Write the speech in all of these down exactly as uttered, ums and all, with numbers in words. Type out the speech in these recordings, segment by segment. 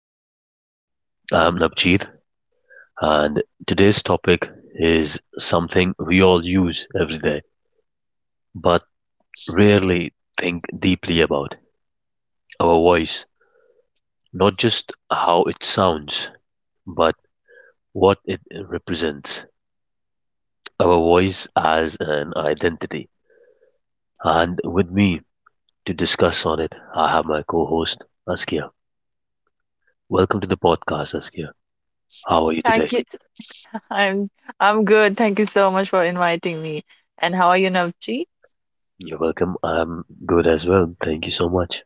podcast. I'm Navjeet and today's topic is something we all use every day but rarely think deeply about our voice. Not just how it sounds, but what it represents. Our voice as an identity. And with me to discuss on it, I have my co host Askia. Welcome to the podcast, Askia. How are you Thank today? you. I'm I'm good. Thank you so much for inviting me. And how are you, Navji? You're welcome. I'm good as well. Thank you so much.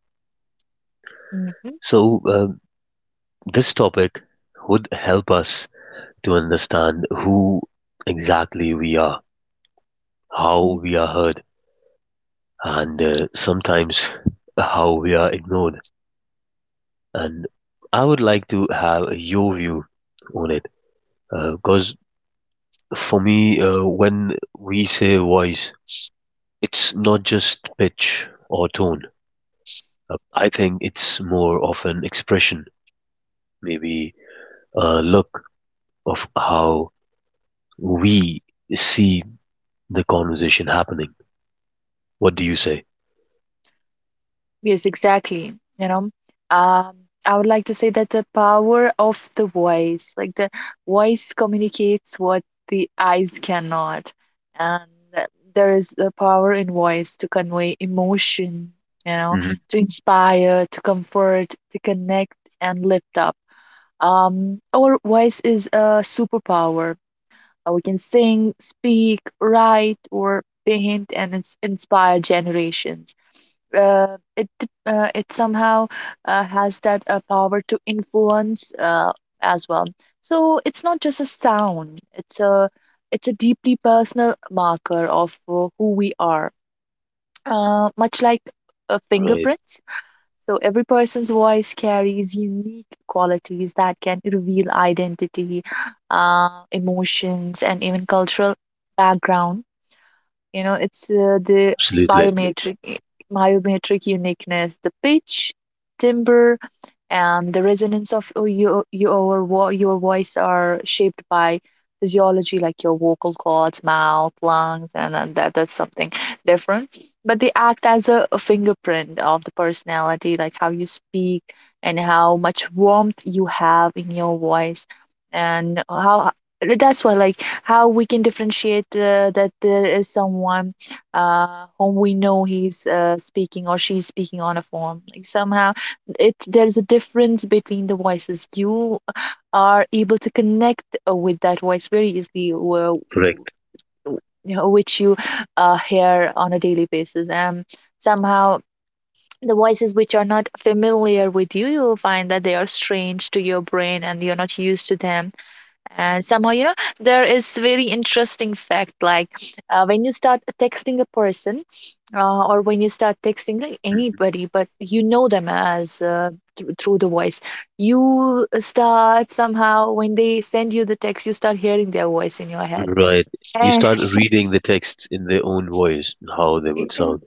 Mm-hmm. So, uh, this topic would help us to understand who exactly we are, how we are heard, and uh, sometimes how we are ignored. And I would like to have your view on it, because for me, uh, when we say voice, it's not just pitch or tone. Uh, I think it's more of an expression, maybe a look of how we see the conversation happening. What do you say? Yes, exactly. You know, um, I would like to say that the power of the voice, like the voice communicates what the eyes cannot, and that there is a power in voice to convey emotion, you know, Hmm. to inspire, to comfort, to connect, and lift up. Um, our voice is a superpower. Uh, we can sing, speak, write, or paint and ins- inspire generations. Uh, it uh, it somehow uh, has that uh, power to influence uh, as well. So it's not just a sound; it's a it's a deeply personal marker of uh, who we are, uh, much like uh, Right. fingerprints. So every person's voice carries unique qualities that can reveal identity, uh, emotions, and even cultural background. You know, it's uh, The Absolutely. biometric biometric uniqueness, the pitch, timbre, and the resonance of uh, your your vo- your voice are shaped by physiology, like your vocal cords, mouth, lungs, and, and that that's something different, but they act as a, a fingerprint of the personality, like how you speak and how much warmth you have in your voice. And how, that's why, like, how we can differentiate uh, that there is someone uh, whom we know, he's uh, speaking or she's speaking on a form. Like, somehow, it there's a difference between the voices. You are able to connect uh, with that voice very easily, wh- Correct. you know, which you uh, hear on a daily basis. And somehow the voices which are not familiar with you, you will find that they are strange to your brain and you're not used to them. And somehow, you know, there is very interesting fact, like uh, when you start texting a person, uh, or when you start texting like Mhm. anybody but you know them as uh, through through the voice, you start somehow, when they send you the text, you start hearing their voice in your head. Right. You start reading the texts in their own voice, how they Eh, would sound.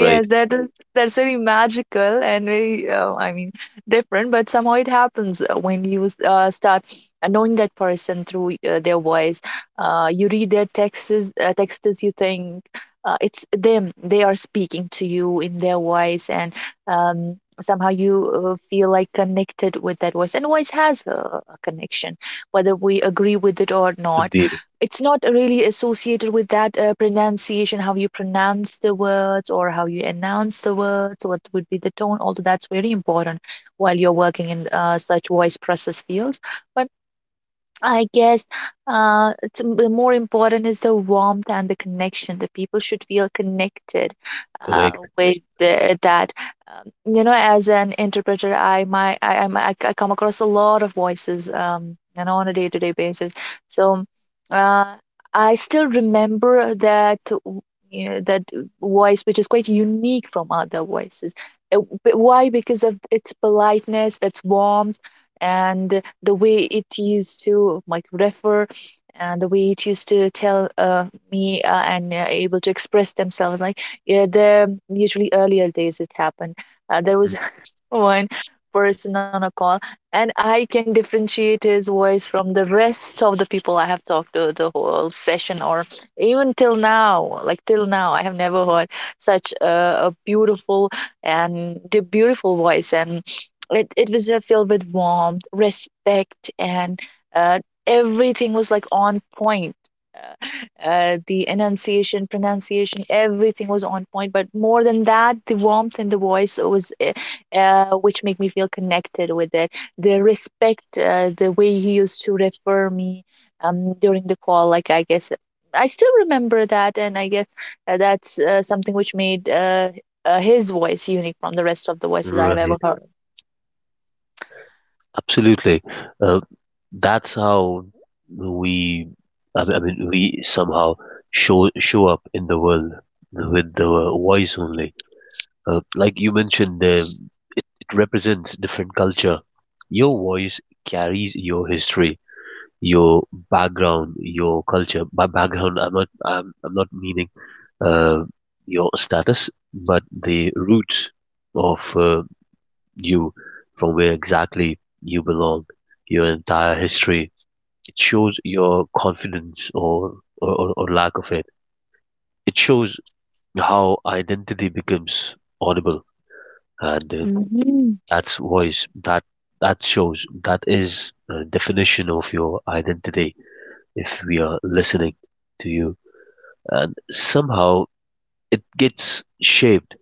Right. that is that's very magical and very uh, I mean different, but somehow it happens uh, when you s- uh, start uh, knowing that person through uh, their voice. Uh, you read their texts, uh, texts. You think uh, it's them; they are speaking to you in their voice. And um, somehow you uh, feel like connected with that voice. And voice has a, a connection, whether we agree with it or not. Indeed. It's not really associated with that uh, pronunciation, how you pronounce the words or how you announce the words, what would be the tone, although that's very important while you're working in uh, such voice process fields. But I guess uh, it's, m- the more important is the warmth and the connection. The people should feel connected uh, Correct. with the, that. Um, you know, as an interpreter, I my I I'm, I c- I come across a lot of voices, um, you know, on a day-to-day basis. So uh, I still remember that, w- you know, that voice, which is quite unique from other voices. Uh, b- Why? Because of its politeness, its warmth, and the way it used to like refer, and the way it used to tell uh, me uh, and uh, able to express themselves. Like, yeah, there usually earlier days it happened, uh, there was Hmm. one person on a call, and I can differentiate his voice from the rest of the people I have talked to the whole session, or even till now. Like, till now I have never heard such a, a beautiful, and the beautiful voice. And it, it was uh, filled with warmth, respect, and uh, everything was like on point. uh, uh, the enunciation, pronunciation, everything was on point. But more than that, the warmth in the voice was uh, uh, which make me feel connected with it. The respect, uh, the way he used to refer me um, during the call, like, I guess I still remember that. And I guess uh, that's uh, something which made uh, uh, his voice unique from the rest of the voices I have ever Right. heard. Absolutely. Uh, that's how we, I mean, I mean, we somehow show show up in the world with the voice only. Uh, like you mentioned, uh, it, it represents different culture. Your voice carries your history, your background, your culture. By background, I'm not I'm, I'm not meaning uh, your status, but the roots of uh, you, from where exactly you belong, your entire history. It shows your confidence or or, or lack of it. It shows how identity becomes audible, and uh, Mm-hmm. that's voice that that shows that is a definition of your identity if we are listening to you and somehow it gets shaped.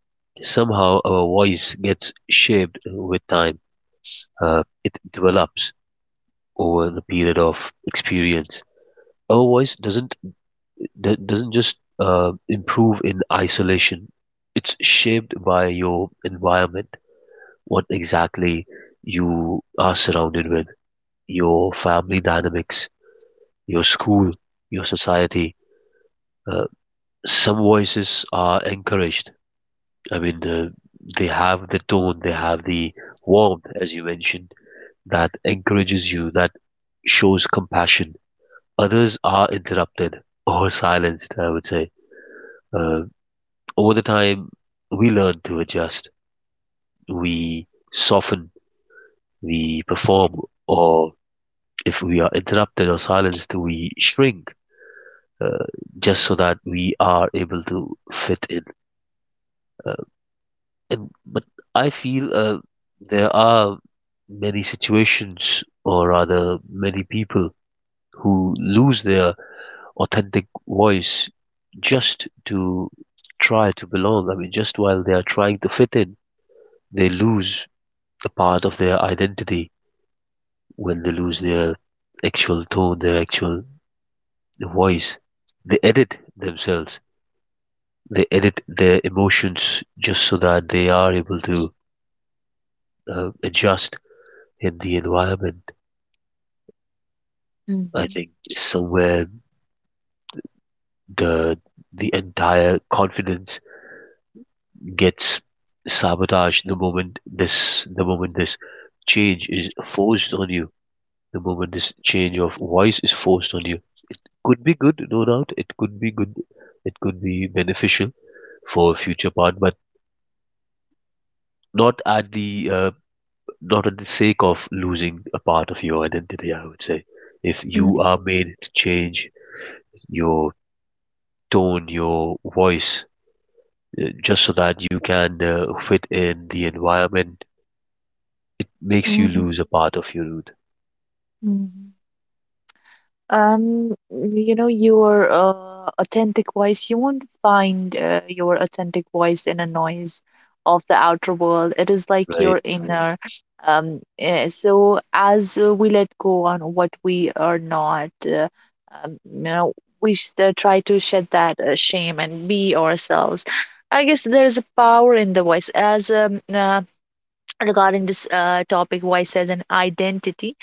Somehow our voice gets shaped with time. Uh, it develops over the period of experience. Our voice doesn't d- doesn't just uh, improve in isolation. It's shaped by your environment, what exactly you are surrounded with, your family dynamics, your school, your society. Uh, some voices are encouraged. I mean, uh, they have the tone, they have the warmth, as you mentioned, that encourages you, that shows compassion. Others are interrupted or silenced, I would say. Uh, Over the time, we learn to adjust, we soften, we perform, or if we are interrupted or silenced, we shrink uh, just so that we are able to fit in. Uh, And but I feel uh, there are many situations, or rather, many people who lose their authentic voice just to try to belong. I mean, just while they are trying to fit in, they lose a part of their identity when they lose their actual tone, their actual voice. They edit themselves. They edit their emotions just so that they are able to uh, adjust in the environment. I Mm-hmm. think is where the the entire confidence gets sabotaged the moment this the moment this change is forced on you, the moment this change of voice is forced on you. Could be good, no doubt. It could be good. It could be beneficial for a future part, but not at the uh, not at the sake of losing a part of your identity. I would say, if you Mm. are made to change your tone, your voice, just so that you can uh, fit in the environment, it makes you lose a part of your root. Mm-hmm. Um, you know, your uh, authentic voice, you won't find uh, your authentic voice in a noise of the outer world. It is like your Right, Mm. inner. Um, eh, so as uh, we let go on what we are not, uh, um, you know, we should uh, try to shed that uh, shame and be ourselves. I guess there is a power in the voice. As um, uh, Regarding this uh, topic, voice as an identity,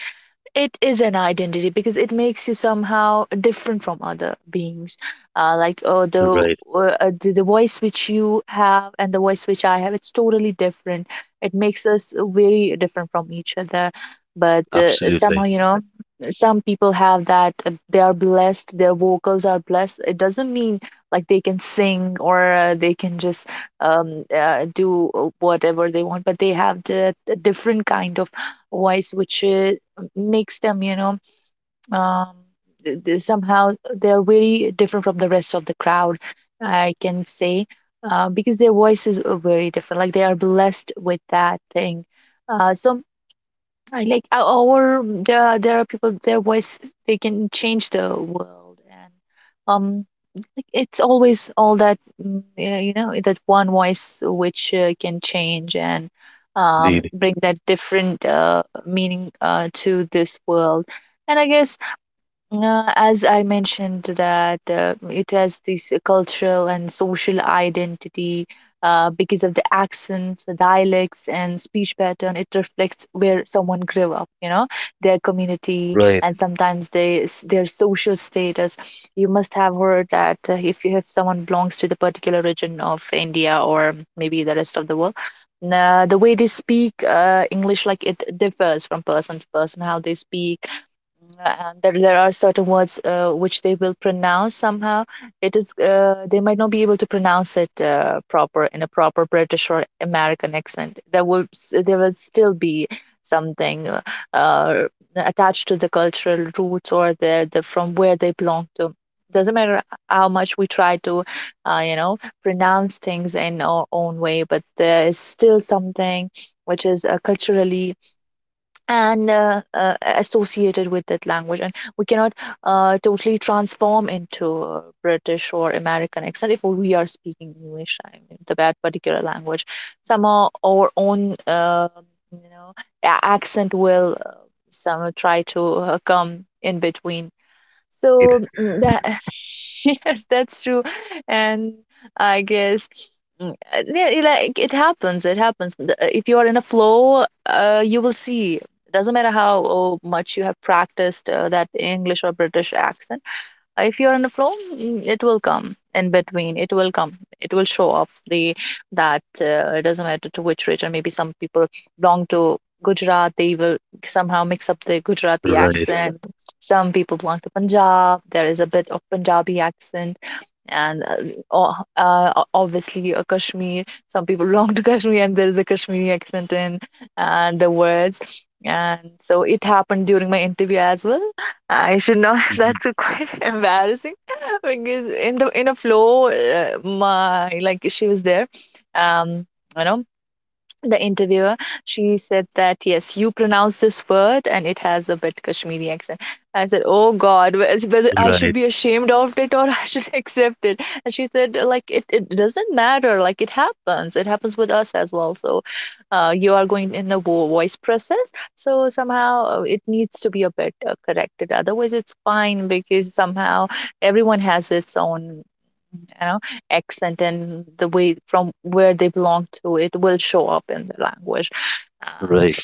it is an identity because it makes you somehow different from other beings, uh, like uh, the right, uh, uh, the the voice which you have and the voice which I have, it's totally different. It makes us very different from each other. But uh, somehow, absolutely, you know, some people have that, uh, they are blessed, their vocals are blessed. It doesn't mean like they can sing or uh, they can just um, uh, do whatever they want, but they have the, the different kind of voice which uh, makes them, you know, um, th- th- somehow they're very different from the rest of the crowd, I can say, uh, because their voices are very different. Like, they are blessed with that thing. Uh, so I like uh, or there are, there are people, their voice, they can change the world. And um like, it's always all that mm, yeah, you know, that one voice which uh, can change and um indeed. bring that different uh meaning uh to this world. And I guess uh, as I mentioned that uh, it has this cultural and social identity uh, because of the accents, the dialects, and speech pattern. It reflects where someone grew up, you know, their community, Right, and sometimes they, s- their social status. You must have heard that uh, if you if someone belongs to the particular region of India or maybe the rest of the world, uh, the way they speak uh, English, like, it differs from person to person, how they speak. And there, there are certain words uh, which they will pronounce somehow. It is uh, they might not be able to pronounce it uh, proper in a proper British or American accent. There will s- there will still be something uh, uh, attached to the cultural roots or the, the from where they belong to. Doesn't matter how much we try to uh, you know pronounce things in our own way, but there is still something which is uh, right, culturally and uh, uh, associated with that language, and we cannot uh, totally transform into a British or American accent if we are speaking English. I mean, the that particular language, somehow our own uh, you know a- accent will uh, somehow try to uh, come in between. indeed. So mm, that yes, that's true. And I guess mm, uh, yeah, it- like, it happens. It happens. The- uh, If you are in a flow, uh, you will see. Doesn't matter how oh, much you have practiced uh, that English or British accent. Uh, if you're in the flow mm, it will come in between, it will come it will show up the that uh, it doesn't matter to which region. Maybe some people belong to Gujarat, they will somehow mix up the Gujarati Right, accent. Some people belong to Punjab, there is a bit of Punjabi accent. And uh, o- uh, obviously, a Kashmir. Some people belong to Kashmir, and there is a Kashmiri accent in and the words. And so it happened during my interview as well. I should not. mhm, That's a quite embarrassing because in the in a flow, uh, my like, she was there. Um, you know the interviewer, she said that yes, you pronounce this word and it has a bit Kashmiri accent. I said, oh god, whe- whether I should right, be ashamed of it, or I should accept it. And she said, like, it, it doesn't matter, like, it happens, it happens with us as well. So uh, you are going in the vo- voice process, so somehow uh, it needs to be a bit uh, corrected, otherwise it's fine, because somehow everyone has its own, you know, accent, and the way from where they belong to, it will show up in the language. Uh, right,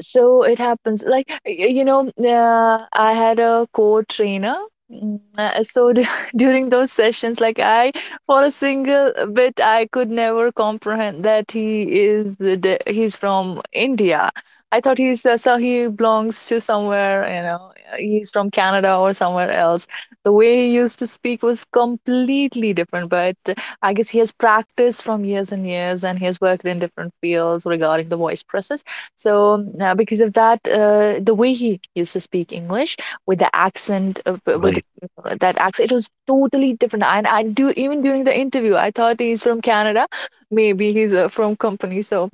so it happens. Like, y- you know, uh, I had a core trainer. Mm, uh, So d- during those sessions, like, I, for a single bit, I could never comprehend that he is the de- he's from India. I thought he's uh, so he belongs to somewhere, you know, uh, he's from Canada or somewhere else. The way he used to speak was completely different, but I guess he has practiced from years and years, and he has worked in different fields regarding the voice process so um, uh, because of that, uh, the way he used to speak English with the accent, uh, with the, right. uh, that accent, it was totally different. And I do even during the interview, I thought he's from Canada. Maybe he's uh, from company, so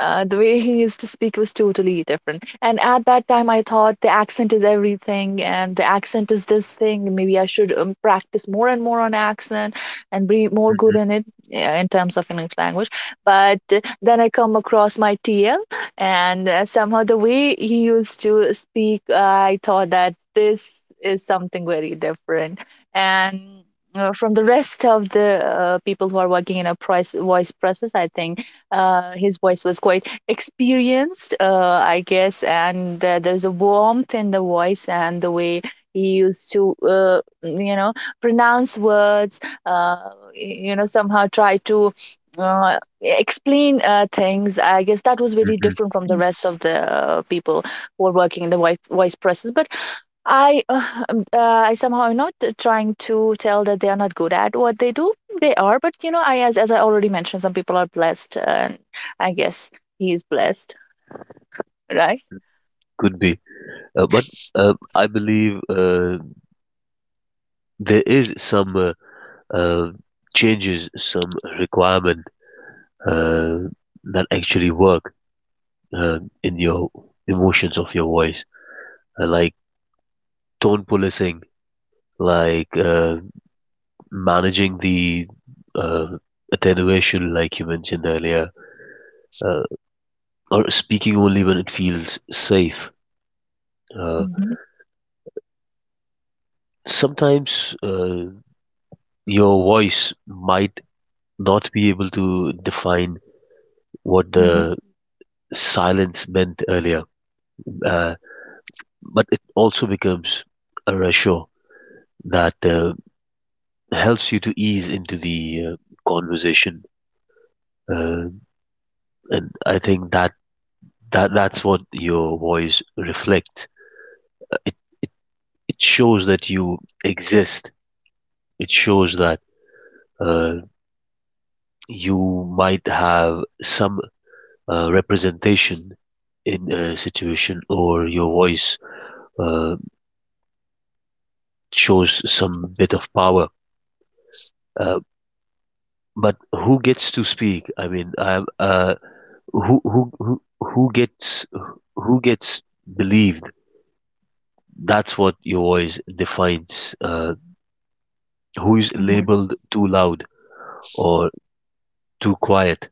uh, the way he used to speak was totally different. And at that time, I thought the accent is everything, and the accent is this thing. Maybe I should um, practice more and more on accent and be more good Hmm. in it uh, in terms of English language. But uh, then I come across my T L, and uh, somehow the way he used to speak, uh, I thought that this is something very different. And uh, from the rest of the uh, people who are working in a price, voice process, I think uh, his voice was quite experienced, uh, I guess, and uh, there's a warmth in the voice and the way he used to, uh, you know, pronounce words, uh, you know, somehow try to uh, explain uh, things. I guess that was very Hmm. different from the rest of the uh, people who were working in the voice, voice presses. But I uh, um, uh, I somehow am not uh, trying to tell that they are not good at what they do. They are, but you know, I as as I already mentioned, some people are blessed, and I guess he is blessed, right? Could be, uh, but uh, I believe uh, there is some uh, uh, changes, some requirement uh, that actually work uh, in your emotions of your voice, uh, like tone policing, like uh, managing the uh, attenuation, like you mentioned earlier, uh, or speaking only when it feels safe. Uh, Mhm, Sometimes uh, your voice might not be able to define what mhm, the silence meant earlier, uh, but it also becomes a reassure that uh, helps you to ease into the uh, conversation. Uh, and I think that that that's what your voice reflects. It it, it shows that you exist. It shows that uh, you might have some uh, representation in a situation or your voice uh, shows some bit of power. Uh, but who gets to speak I mean I uh, who, who who who gets who gets believed. That's what your voice defines. Uh, who is mhm, labeled too loud or too quiet.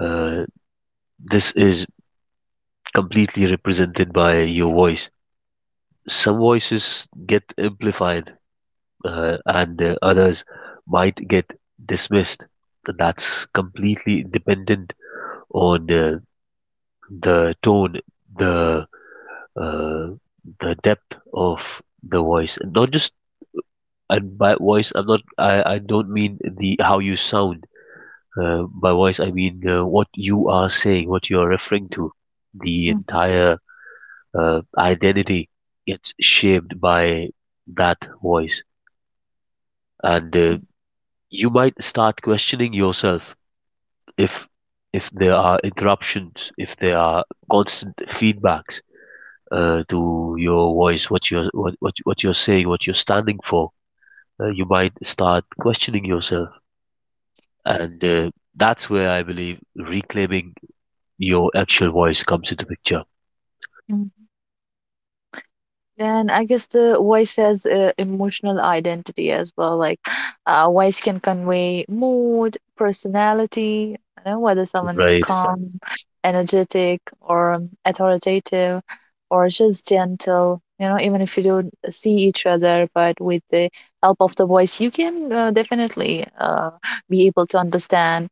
Uh, this is completely represented by your voice. Some voices get amplified, uh, and uh, others might get dismissed. That's completely dependent on uh, the tone, the uh, the depth of the voice, and not just and by voice. I'm not. I, I don't mean the how you sound. Uh, by voice, I mean uh, what you are saying, what you are referring to. The mhm, entire uh, identity gets shaped by that voice, and uh, you might start questioning yourself if if there are interruptions, if there are constant feedbacks uh, to your voice, what you're what, what what you're saying, what you're standing for. Uh, you might start questioning yourself, and uh, that's where I believe reclaiming your actual voice comes into picture. mhm. And I guess the voice has uh, emotional identity as well. Like, uh, voice can convey mood, personality, you know, whether someone is Right. calm, energetic, or um, authoritative, or just gentle. You know, even if you don't see each other, but with the help of the voice, you can uh, definitely uh, be able to understand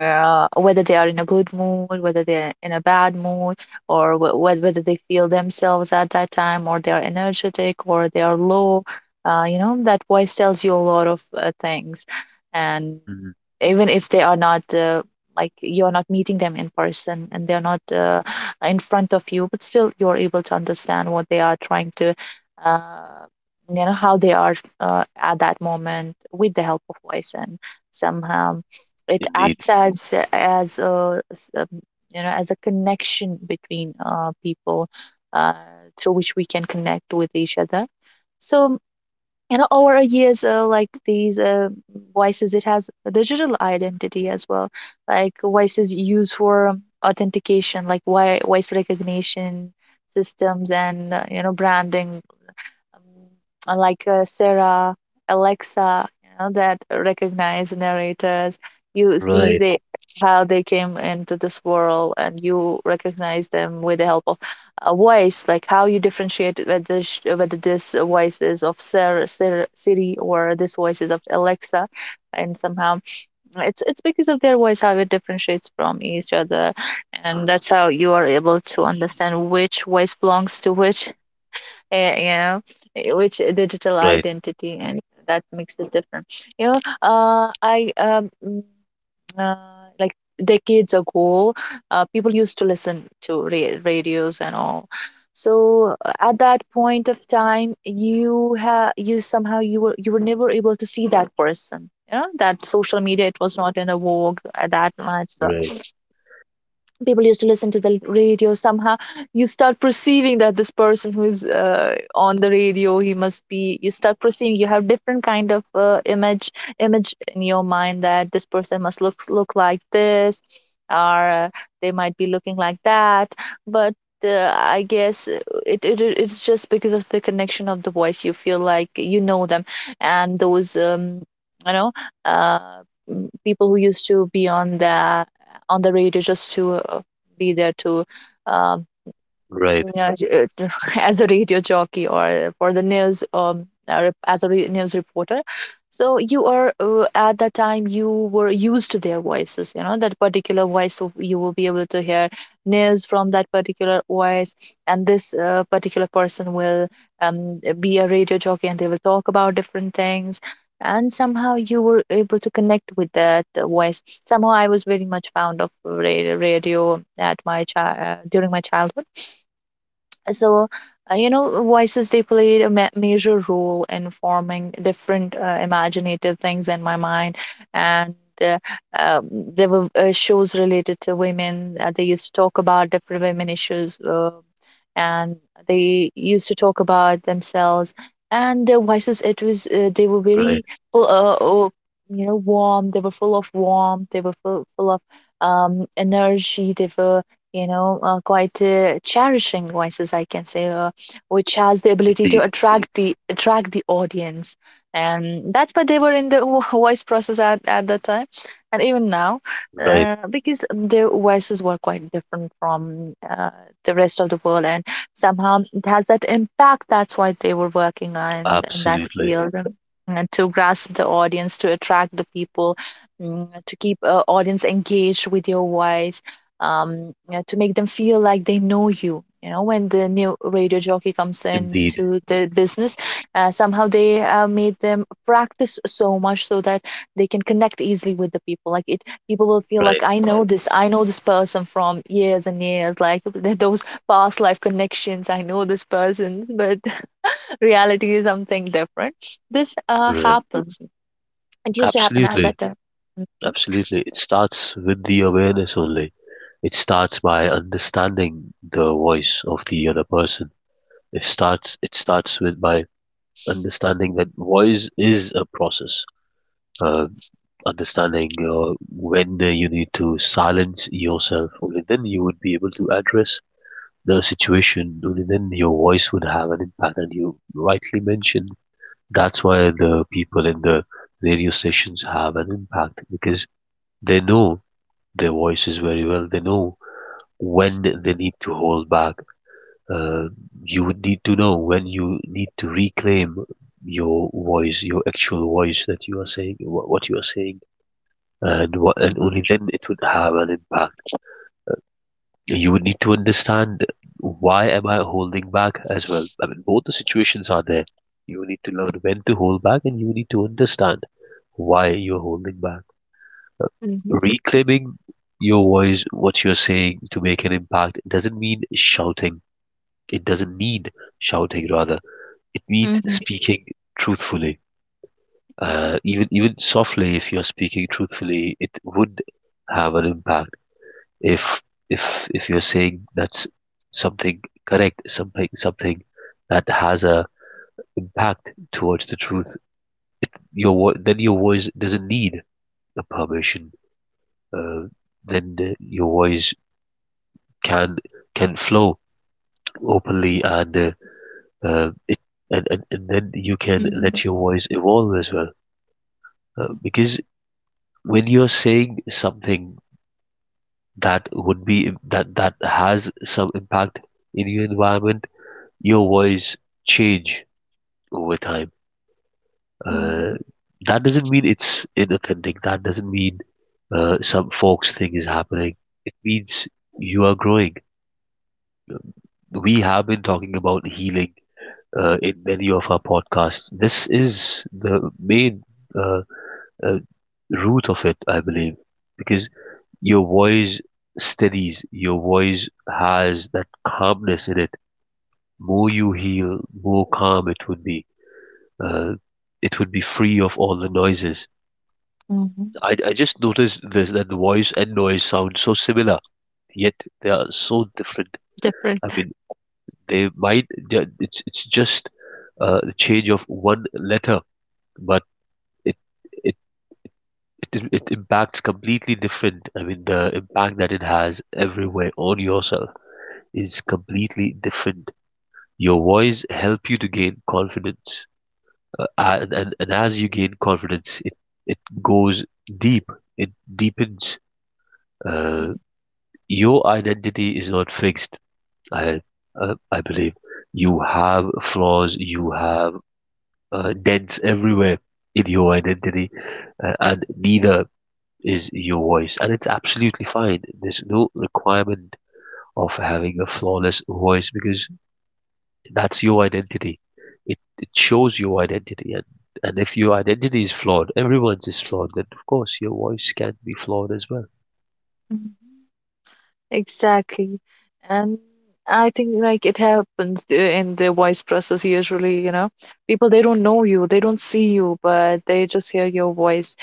uh, whether they are in a good mood, whether they're in a bad mood, or w- whether they feel themselves at that time, or they are energetic, or they are low. Uh, you know, that voice tells you a lot of uh, things. And Mm, even if they are not uh, like you're not meeting them in person and they're not uh, in front of you, but still you're able to understand what they are trying to. Uh, you know how they are uh, at that moment with the help of voice, and somehow it indeed. acts as as a s- um, you know, as a connection between uh, people uh, through which we can connect with each other. So you know, over a years uh, like these uh, voices, it has a digital identity as well. Like voices used for authentication, like voi- voice recognition systems, and uh, you know, branding, uh, like uh, Sarah, Alexa, you know, that recognize narrators. You see Right. they how they came into this world, and you recognize them with the help of a voice. Like how you differentiate whether sh- whether this voice is of Sarah, Sarah, Siri, or this voice is of Alexa, and somehow it's it's because of their voice how it differentiates from each other, and that's how you are able to understand which voice belongs to which eh, you know, eh, which eh, digital Right. identity, and that makes it different. You know, uh, I um, mm, uh, like decades ago, uh, people used to listen to ra- radios and all. So uh, at that point of time, you ha you somehow you were you were never able to see that person. You know, that social media, it was not in a vogue at that much. So Right. people used to listen to the radio. Somehow you start perceiving that this person who's uh, on the radio, he must be you start perceiving you have different kind of uh, image image in your mind that this person must look look like this, or uh, they might be looking like that. But uh, I guess uh, it, it, it's just because of the connection of the voice you feel like you know them. And those um you know uh people who used to be on the on the radio just to uh, be there to um, Right. yeah, j- uh, as a radio jockey or for the news, um or as a re news reporter. So you are uh, at that time you were used to their voices. You know that particular voice of- you will be able to hear news from that particular voice, and this uh, particular person will um be a radio jockey and they will talk about different things. And somehow you were able to connect with that uh, voice. Somehow I was very much fond of radio, radio at my chi- uh, during my childhood. So uh, you know, voices, they played a ma- major role in forming different uh, imaginative things in my mind. And uh, um, there were uh, shows related to women. Uh, they used to talk about different women issues, uh, and they used to talk about themselves, and their voices, it was uh, they were Right. very full uh, uh, you know, warm. They were full of warmth. They were full, full of um, energy. They were you know, uh, quite uh, cherishing voices, I can say, uh, which has the ability to Indeed. attract the attract the audience, and that's why they were in the vo- voice process at at that time, and even now, Right, uh, because their voices were quite different from uh, the rest of the world, and somehow it has that impact. That's why they were working on in that absolutely. field. And, and to grasp the audience, to attract the people, mm, to keep uh, audience engaged with your voice, um, you know, to make them feel like they know you. You know, when the new radio jockey comes Indeed, into the business, uh, somehow they uh, made them practice so much so that they can connect easily with the people. Like it, people will feel like right, I know this, I know this person from years and years. Like th- those past life connections, I know this person, but reality is something different. This uh, right. happens. It used to happen at Absolutely, that time. Mhm, absolutely. It starts with the awareness only. It starts by understanding the voice of the other person. It starts it starts with by understanding that voice is a process. Uh, Understanding uh, when you need to silence yourself, only then you would be able to address the situation. Only then your voice would have an impact, and you rightly mentioned. That's why the people in the radio stations have an impact because they know their voices very well. They know when they need to hold back. Uh, you would need to know when you need to reclaim your voice, your actual voice that you are saying, wha- what you are saying, and what, and only then it would have an impact. You would need to understand why am I holding back as well. I mean, both the situations are there. You need to learn when to hold back, and you need to understand why you're holding back. mhm, Reclaiming your voice, what you're saying to make an impact, doesn't mean shouting. It doesn't need shouting, rather. It means mhm, speaking truthfully. Uh, even even softly, if you're speaking truthfully, it would have an impact. If if if you're saying that's something correct, something something that has a impact towards the truth, your vo- then your voice doesn't need a permission. Uh, then uh, your voice can can flow openly and uh, uh, it, and, and and then you can mhm, let your voice evolve as well, uh, because when you're saying something that would be that that has some impact in your environment, your voice change over time. mhm, uh, that doesn't mean it's inauthentic. That doesn't mean uh, some folks thing is happening. It means you are growing. We have been talking about healing uh, in many of our podcasts. This is the main uh, uh, root of it, I believe, because your voice steadies, your voice has that calmness in it. More you heal, more calm it would be. Uh, it would be free of all the noises. mhm, I, I just noticed this that the voice and noise sound so similar, yet they are so different. different. I mean, they might, it's, it's just a change of one letter, but it it it it impacts completely different. I mean, the impact that it has everywhere on yourself is completely different. Your voice help you to gain confidence, uh, and, and and as you gain confidence, it it goes deep. It deepens. Uh, your identity is not fixed. I uh, I believe you have flaws. You have uh, dents everywhere in your identity, uh, and neither is your voice and it's absolutely fine. There's no requirement of having a flawless voice because that's your identity. it, it shows your identity. and and if your identity is flawed, everyone's is flawed, then of course your voice can be flawed as well. Mhm. Exactly. And I think like it happens uh, in the voice process usually, you know. People, they don't know you, they don't see you, but they just hear your voice.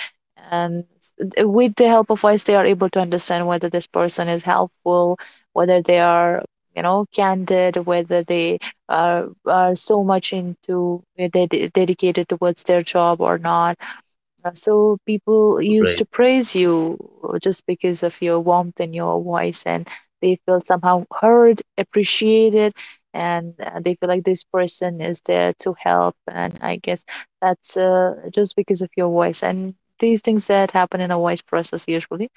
And s- uh, with the help of voice, they are able to understand whether this person is helpful, whether they are, you know, candid, whether they are are so much into uh, ded dedicated towards their job or not. Uh, So people used Right, to praise you uh, just because of your warmth and your voice, and they feel somehow heard, appreciated, and uh, they feel like this person is there to help. And I guess that's uh, just because of your voice and these things that happen in a voice process usually.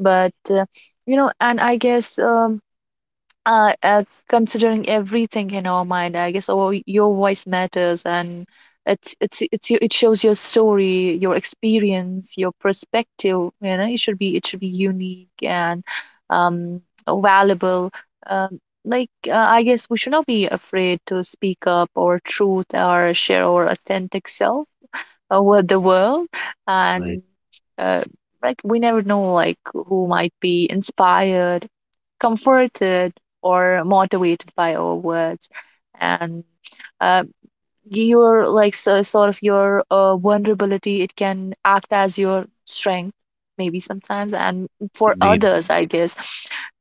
But uh, you know, and I guess um, uh, uh considering everything in our mind, i guess our, your voice matters. And it's it's it's your- it shows your story, your experience, your perspective, you know, it should be it should be unique and um valuable. um like uh, I guess we should not be afraid to speak up our truth or share our authentic self over the world. right, And uh, like, we never know, like who might be inspired, comforted, or motivated by our words. And uh, your, like, so, sort of your uh, vulnerability, it can act as your strength, maybe sometimes, and for indeed, others, I guess.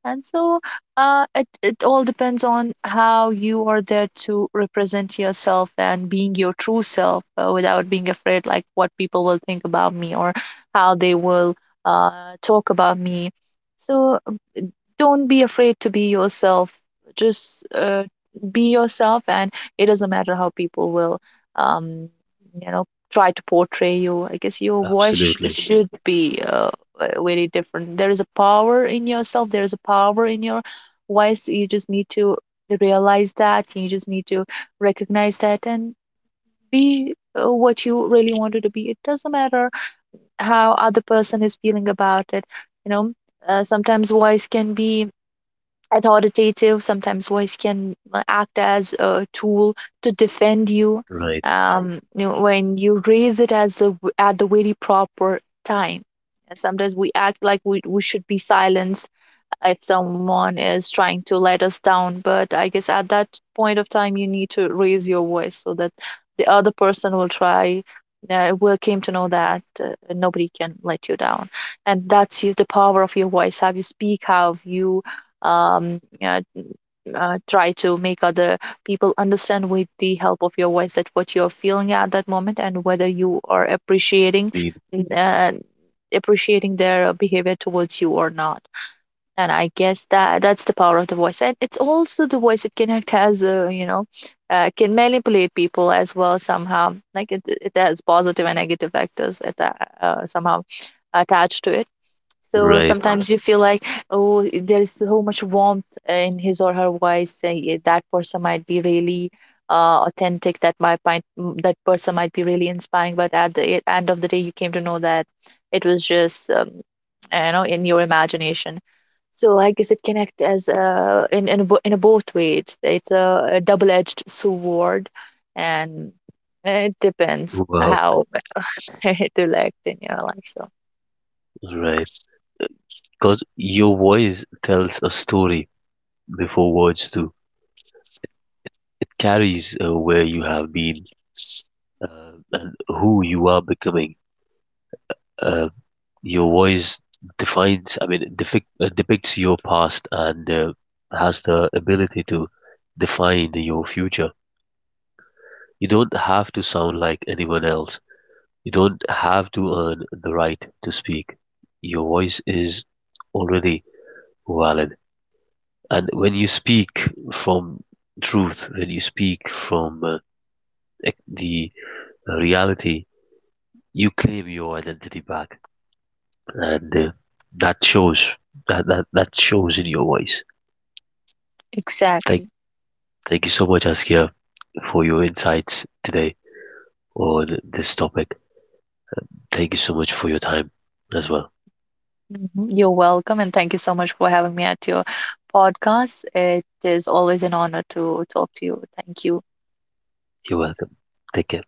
And so uh, it, it all depends on how you are there to represent yourself and being your true self uh, without being afraid like what people will think about me, or how they will uh, talk about me. So don't be afraid to be yourself. Just uh, be yourself. And it doesn't matter how people will um you know try to portray you. I guess your voice sh- absolutely, should be uh, uh, very different. There is a power in yourself, there is a power in your voice. You just need to realize that, you just need to recognize that, and be uh, what you really wanted to be. It doesn't matter how other person is feeling about it. You know, uh, sometimes voice can be authoritative, sometimes voice can uh, act as a tool to defend you. right, um You know, when you raise it as the at the very proper time. And sometimes we act like we, we should be silenced if someone is trying to let us down. But I guess at that point of time, you need to raise your voice so that the other person will try, uh, will came to know that uh, nobody can let you down. And that's you, the power of your voice, how you speak, how you um, uh, uh, try to make other people understand with the help of your voice that what you're feeling at that moment, and whether you are appreciating indeed, uh, appreciating their behavior towards you or not. And I guess that that's the power of the voice. And it's also the voice, it can act as a, you know, uh, can manipulate people as well somehow. Like it, it has positive and negative factors at, uh, somehow attached to it. So right, sometimes you feel like, oh, there is so much warmth in his or her voice. Uh, yeah, that person might be really uh, authentic. That might, might mm, that person might be really inspiring. But at the e- end of the day, you came to know that it was just um, you know, in your imagination. So I guess it connect as uh, in in a, bo- in a both way. It's, it's a, a double-edged sword, and eh, it depends well, how it will act in your life. So right. Because your voice tells a story before words do. It carries uh, where you have been uh, and who you are becoming. uh, your voice defines, i mean it defic- uh, depicts your past and uh, has the ability to define your future. You don't have to sound like anyone else. You don't have to earn the right to speak. Your voice is already valid, and when you speak from truth, when you speak from uh, ec- the reality, you claim your identity back, and uh, that shows that, that that shows in your voice. Thank, exactly. thank you so much, Askia, for your insights today on this topic. Thank you so much for your time as well. Mhm. You're welcome, and thank you so much for having me at your podcast. It is always an honor to talk to you. Thank you. You're welcome. Take care.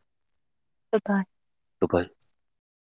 Goodbye. Goodbye.